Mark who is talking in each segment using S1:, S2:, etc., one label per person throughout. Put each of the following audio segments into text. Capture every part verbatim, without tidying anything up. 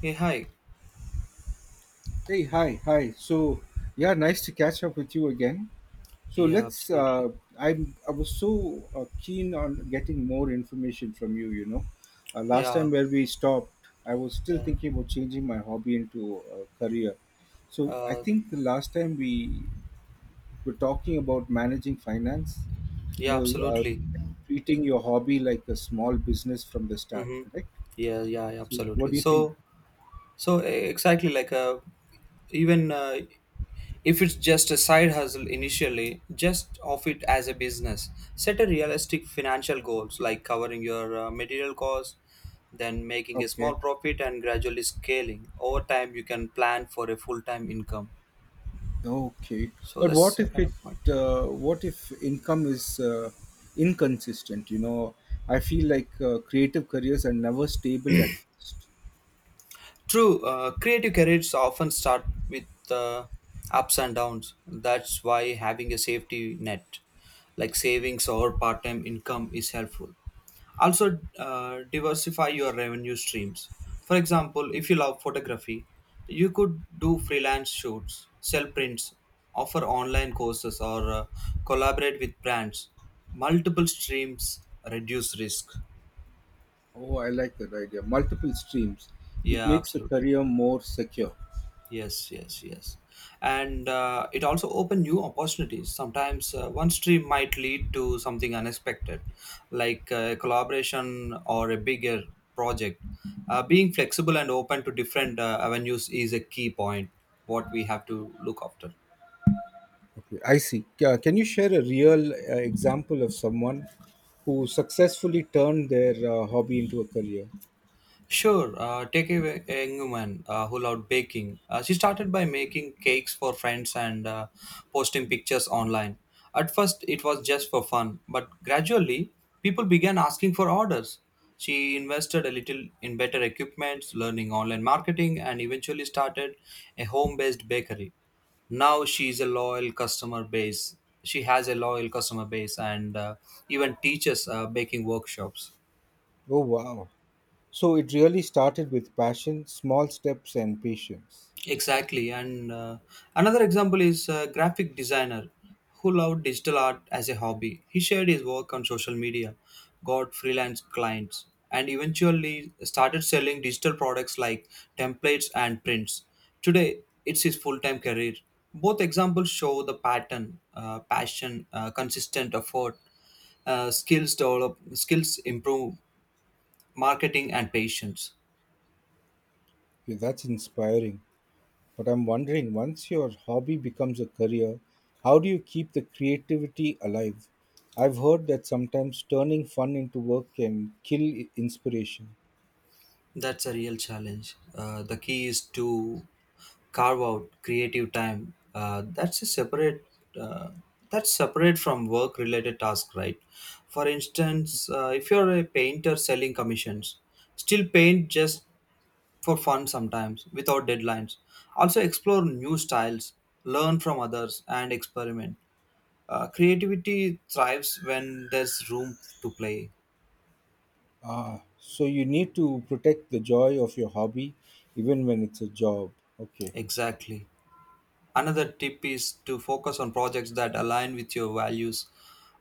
S1: Hey, hi.
S2: Hey, hi, hi. So, yeah, nice to catch up with you again. So
S1: Yeah,
S2: let's.
S1: absolutely.
S2: Uh, I'm. I was so uh, keen on getting more information from you. You know, uh, last
S1: Yeah,
S2: time where we stopped, I was still
S1: yeah.
S2: thinking about changing my hobby into a career. So I
S1: Uh,
S2: think the last time we were talking about managing finance. You
S1: yeah,
S2: know, uh,
S1: absolutely.
S2: treating your hobby like a small business from the start.
S1: Mm-hmm.
S2: Correct.
S1: Yeah, yeah, yeah,
S2: So what
S1: absolutely.
S2: do you think?
S1: So, so e- exactly like uh, even uh, if it's just a side hustle initially, just of it as a business. Set a realistic financial goals like covering your uh, material costs, then making a
S2: Okay.
S1: small profit and gradually scaling. Over time, you can plan for a full-time income.
S2: Okay,
S1: So
S2: but
S1: that's
S2: what
S1: uh,
S2: if
S1: kind
S2: it?
S1: of point.
S2: Uh, what if income is uh, inconsistent? You know, I feel like uh, creative careers are never stable at first.
S1: True, uh, creative careers often start with uh, ups and downs. That's why having a safety net like savings or part time income is helpful. Also, uh, diversify your revenue streams. For example, if you love photography, you could do freelance shoots, sell prints, offer online courses, or uh, collaborate with brands. Multiple streams reduce risk.
S2: Oh, I like that idea. Multiple streams. It
S1: Yeah,
S2: makes the
S1: absolutely.
S2: career more secure.
S1: Yes, yes, yes. And uh, it also opened new opportunities. Sometimes uh, one stream might lead to something unexpected, like a collaboration or a bigger project. Uh, being flexible and open to different uh, avenues is a key point, what we have to look after.
S2: Okay, I see. Ca- Can you share a real uh, example of someone who successfully turned their uh, hobby into a career?
S1: Sure, uh, take a, a Engelman uh, who loved baking. Uh, she started by making cakes for friends and uh, posting pictures online. At first, it was just for fun, but gradually, people began asking for orders. She invested a little in better equipment, learning online marketing, and eventually started a home based bakery. Now she is a loyal customer base. She has a loyal customer base and uh, even teaches uh, baking workshops.
S2: Oh, wow. So it really started with passion, small steps, and patience.
S1: Exactly. And uh, another example is a graphic designer who loved digital art as a hobby. He shared his work on social media, got freelance clients, and eventually started selling digital products like templates and prints. Today, it's his full time career. Both examples show the pattern: uh, passion, uh, consistent effort, uh, skills develop, skills improve, marketing, and patience.
S2: Okay, that's inspiring. But I'm wondering, once your hobby becomes a career, how do you keep the creativity alive? I've heard that sometimes turning fun into work can kill i- inspiration.
S1: That's a real challenge. Uh, the key is to carve out creative time. Uh, that's a separate. Uh, that's separate from work-related tasks, right? For instance, uh, if you're a painter selling commissions, still paint just for fun sometimes without deadlines. Also explore new styles, learn from others, and experiment. Uh, creativity thrives when there's room to play.
S2: Ah, so you need to protect the joy of your hobby even when it's a job. Okay,
S1: Exactly. Another tip is to focus on projects that align with your values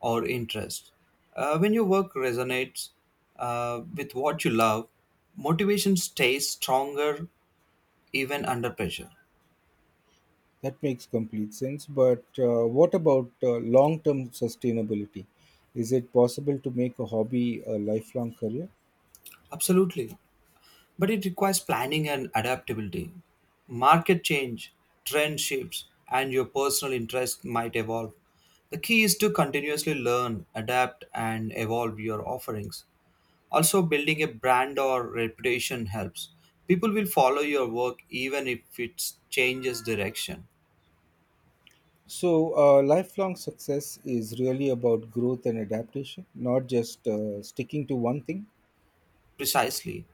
S1: or interests. Uh, when your work resonates uh, with what you love, motivation stays stronger even under pressure.
S2: that makes complete sense. But uh, what about uh, long term sustainability? Is it possible to make a hobby a lifelong career?
S1: Absolutely. But it requires planning and adaptability. Market change, trend shifts, and your personal interest might evolve. The key is to continuously learn, adapt, and evolve your offerings. Also, building a brand or reputation helps. People will follow your work even if it changes direction.
S2: So, uh, lifelong success is really about growth and adaptation, not just uh, sticking to one thing.
S1: Precisely.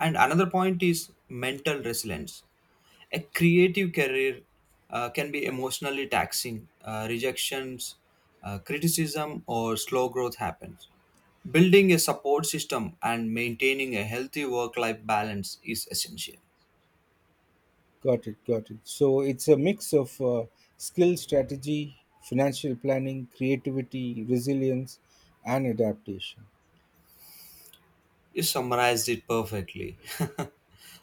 S1: And another point is mental resilience. A creative career uh, can be emotionally taxing. Uh, rejections, uh, criticism, or slow growth happens. Building a support system and maintaining a healthy work life balance is essential.
S2: Got it, got it. So, it's a mix of uh, skill, strategy, financial planning, creativity, resilience, and adaptation.
S1: You summarized it perfectly.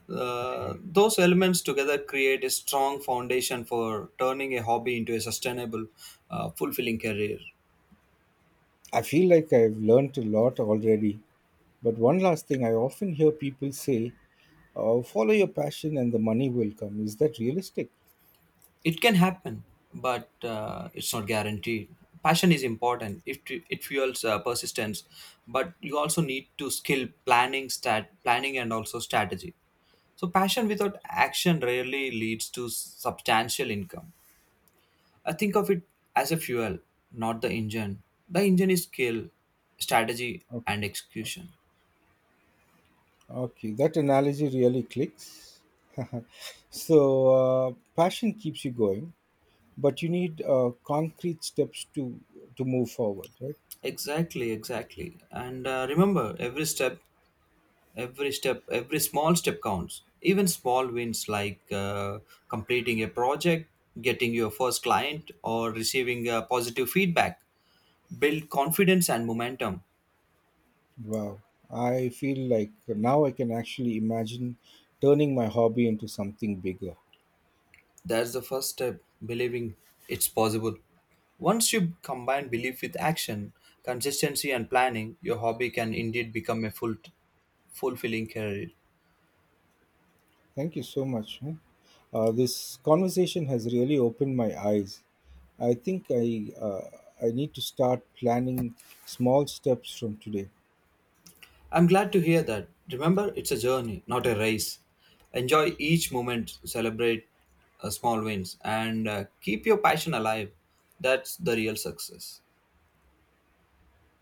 S1: Uh, those elements together create a strong foundation for turning a hobby into a sustainable, uh, fulfilling career.
S2: I feel like I've learned a lot already. But one last thing I often hear people say, uh, follow your passion and the money will come. Is that realistic?
S1: It can happen, but uh, it's not guaranteed. Passion is important. It, it fuels uh, persistence, but you also need to skill planning, stat planning, and also strategy. So passion without action rarely leads to substantial income. I think of it as a fuel, not the engine. The engine is skill, strategy, and
S2: Okay.
S1: execution.
S2: Okay, that analogy really clicks. so, uh, passion keeps you going, but you need uh, concrete steps to to move forward, right?
S1: Exactly, exactly. And uh, remember, every step, every step, every small step counts. Even small wins like uh, completing a project, getting your first client, or receiving uh, positive feedback build confidence and momentum.
S2: Wow, I feel like now I can actually imagine turning my hobby into something bigger.
S1: That's the first step, believing it's possible. Once you combine belief with action, consistency, and planning, your hobby can indeed become a full, fulfilling career.
S2: Thank you so much. Huh? Uh, this conversation has really opened my eyes. I think I uh, I need to start planning small steps from today.
S1: I'm glad to hear that. Remember, it's a journey, not a race. Enjoy each moment, celebrate uh, small wins, and uh, keep your passion alive. That's the real success.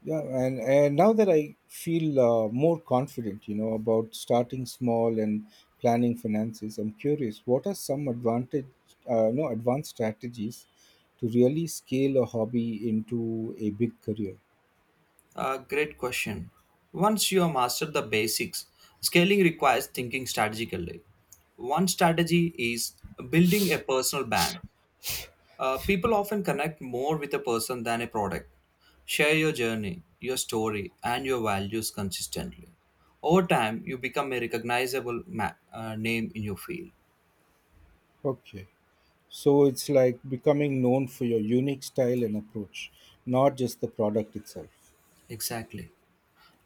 S2: Yeah, and and now that I feel uh, more confident, you know, about starting small and planning finances, I'm curious, what are some advantage, uh, no, advanced strategies to really scale a hobby into a big career?
S1: Uh, great question. Once you have mastered the basics, scaling requires thinking strategically. One strategy is building a personal brand. Uh, people often connect more with a person than a product. Share your journey, your story, and your values consistently. Over time, you become a recognizable ma- uh, name in your field.
S2: Okay, so it's like becoming known for your unique style and approach, not just the product itself.
S1: Exactly.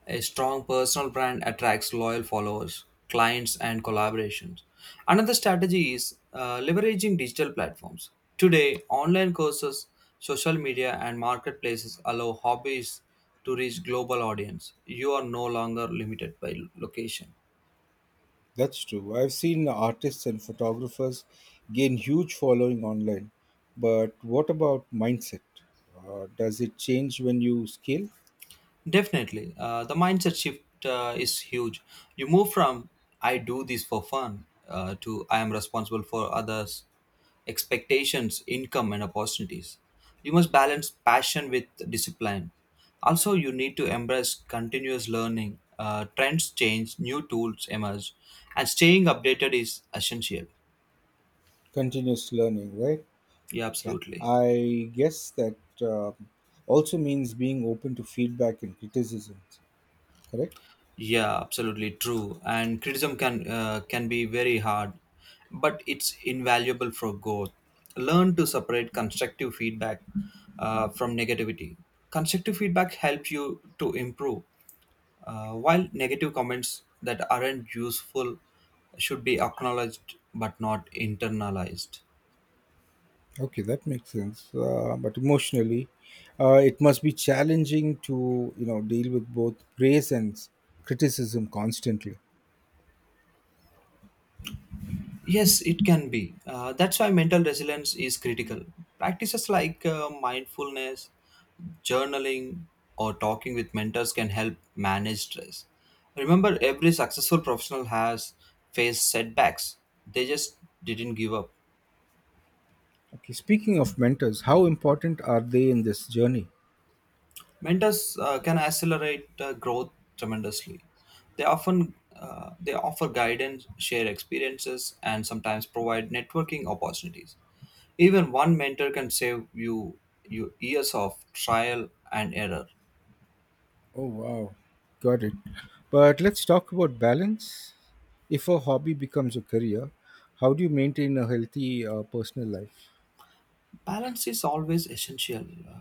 S1: A strong personal brand attracts loyal followers, clients, and collaborations. Another strategy is uh, leveraging digital platforms. Today, online courses, social media, and marketplaces allow hobbies to reach global audience. You are no longer limited by location.
S2: That's true. I've seen artists and photographers gain huge following online. But what about mindset? Uh, does it change when you scale?
S1: Definitely. Uh, the mindset shift uh, is huge. You move from "I do this for fun" uh, to "I am responsible for others' expectations, income, and opportunities." You must balance passion with discipline. Also, you need to embrace continuous learning. Uh, trends change, new tools emerge, and staying updated is essential.
S2: Continuous learning, right?
S1: Yeah,
S2: Yeah.
S1: absolutely.
S2: I guess that uh, also means being open to feedback and criticisms, correct?
S1: Yeah, absolutely true. And criticism can uh, can be very hard, but it's invaluable for growth. Learn to separate constructive feedback uh, from negativity. Constructive feedback helps you to improve, uh, while negative comments that aren't useful should be acknowledged but not internalized.
S2: Okay, that makes sense. Uh, but emotionally, uh, it must be challenging to, you know, deal with both praise and s- criticism constantly.
S1: Yes, it can be. Uh, that's why mental resilience is critical. Practices like uh, mindfulness, journaling, or talking with mentors can help manage stress. Remember, every successful professional has faced setbacks, they just didn't give up.
S2: Okay, speaking of mentors, how important are they in this journey?
S1: Mentors uh, can accelerate uh, growth tremendously. They often uh, they offer guidance, share experiences, and sometimes provide networking opportunities. Even one mentor can save you, you years of trial and error.
S2: Oh, wow. Got it. But let's talk about balance. If a hobby becomes a career, how do you maintain a healthy uh, personal life?
S1: Balance is always essential. Uh,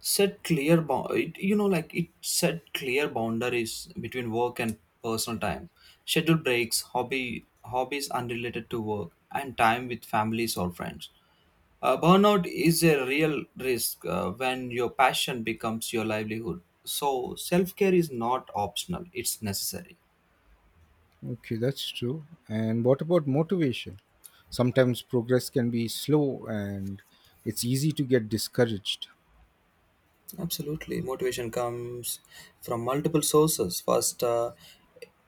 S1: set clear, bou- it, you know, like it Set clear boundaries between work and personal time. Schedule breaks, hobby hobbies unrelated to work, and time with families or friends. Uh, burnout is a real risk uh, when your passion becomes your livelihood. So self care is not optional; it's necessary.
S2: Okay, that's true. And what about motivation? Sometimes progress can be slow and it's easy to get discouraged.
S1: Absolutely. Motivation comes from multiple sources. First, uh,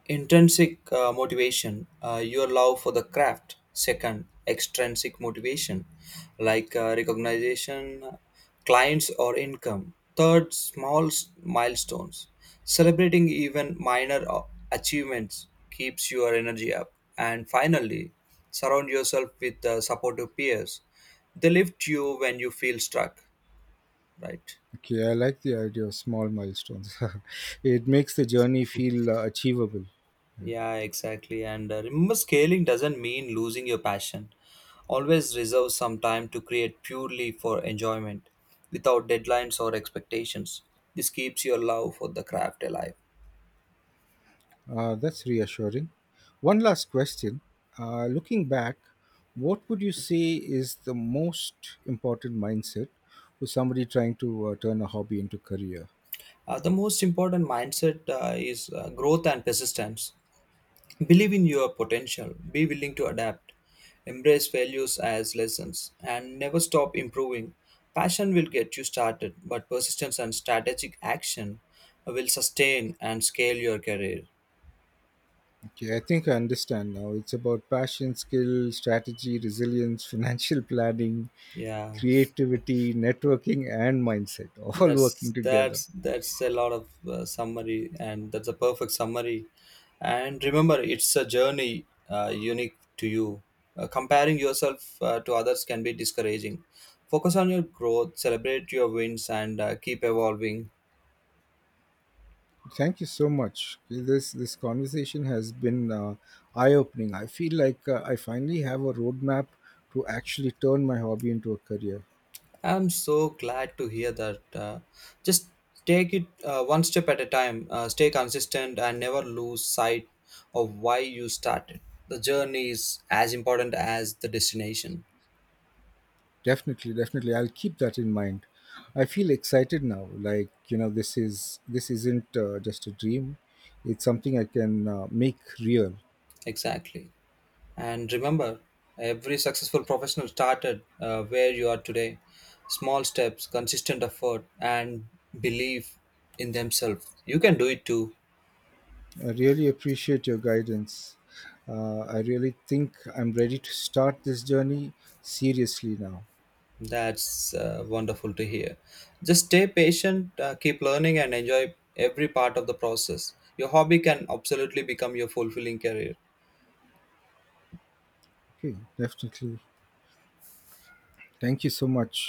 S1: intrinsic uh, motivation, uh, your love for the craft. Second, extrinsic motivation, like uh, recognition, clients, or income. Third, small s- milestones. Celebrating even minor uh, achievements keeps your energy up. And finally, surround yourself with uh, supportive peers. They lift you when you feel stuck, right?
S2: Okay, I like the idea of small milestones. It makes the journey feel uh, achievable.
S1: Yeah, exactly. And uh, remember, scaling doesn't mean losing your passion. Always reserve some time to create purely for enjoyment, without deadlines or expectations. This keeps your love for the craft alive.
S2: Uh, that's reassuring. One last question. Uh, looking back, what would you say is the most important mindset for somebody trying to uh, turn a hobby into career?
S1: Uh, the most important mindset uh, is uh, growth and persistence. Believe in your potential, be willing to adapt, embrace failures as lessons, and never stop improving. Passion will get you started, but persistence and strategic action will sustain and scale your career.
S2: Okay, I think I understand now. It's about passion, skill, strategy, resilience, financial planning,
S1: Yeah.
S2: creativity, networking, and mindset, all working
S1: That's
S2: together.
S1: that's that's a lot of uh, summary, and that's a perfect summary. And remember, it's a journey uh, unique to you. Uh, comparing yourself uh, to others can be discouraging. Focus on your growth, celebrate your wins, and uh, keep evolving.
S2: Thank you so much. This this conversation has been uh, eye opening. I feel like uh, I finally have a roadmap to actually turn my hobby into a career.
S1: I'm so glad to hear that. Uh, just take it uh, one step at a time. Uh, stay consistent and never lose sight of why you started. The journey is as important as the destination.
S2: Definitely, definitely, I'll keep that in mind. I feel excited now. Like, you know, this is this isn't uh, just a dream. It's something I can uh, make real.
S1: Exactly. And remember, every successful professional started uh, where you are today. Small steps, consistent effort, and belief in themselves. You can do it too.
S2: I really appreciate your guidance. Uh, I really think I'm ready to start this journey seriously now.
S1: That's uh, wonderful to hear. Just stay patient, uh, keep learning, and enjoy every part of the process. Your hobby can absolutely become your fulfilling career.
S2: Okay, definitely. Thank you so much.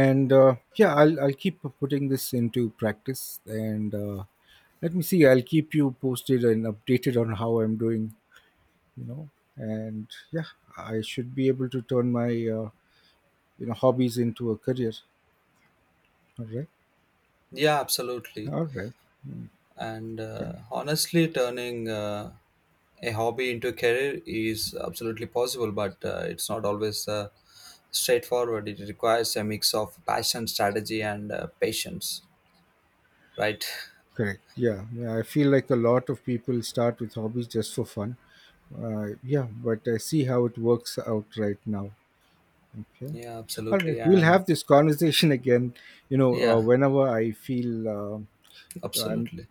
S2: and uh, yeah, I'll, I'll keep putting this into practice, and uh, let me see I'll keep you posted and updated on how I'm doing, you know. And yeah, I should be able to turn my uh, you know hobbies into a career. All right.
S1: Yeah, absolutely.
S2: All right. Mm,
S1: And uh,
S2: Fine.
S1: honestly, turning uh, a hobby into a career is absolutely possible, but uh, it's not always uh, straightforward. It requires a mix of passion, strategy, and uh, patience, right?
S2: Correct, yeah, yeah, I feel like a lot of people start with hobbies just for fun. Uh, yeah, but I see how it works out right now. Okay.
S1: Yeah,
S2: All right.
S1: absolutely.
S2: We'll
S1: And
S2: have this conversation again, you know, uh,
S1: yeah,
S2: whenever I feel um I'm
S1: absolutely.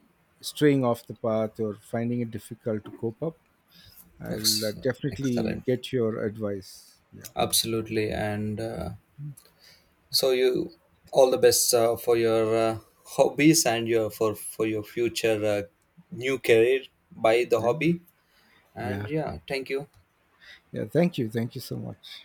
S2: straying off the path or finding it difficult to cope up. I'll uh,
S1: Ex-
S2: definitely
S1: Excellent.
S2: get your advice. Yeah.
S1: Absolutely. And uh, so you, all the best uh, for your uh, hobbies and your for for your future uh, new career by the
S2: Yeah.
S1: hobby. And
S2: Yeah.
S1: yeah, thank you.
S2: Yeah. Thank you. Thank you so much.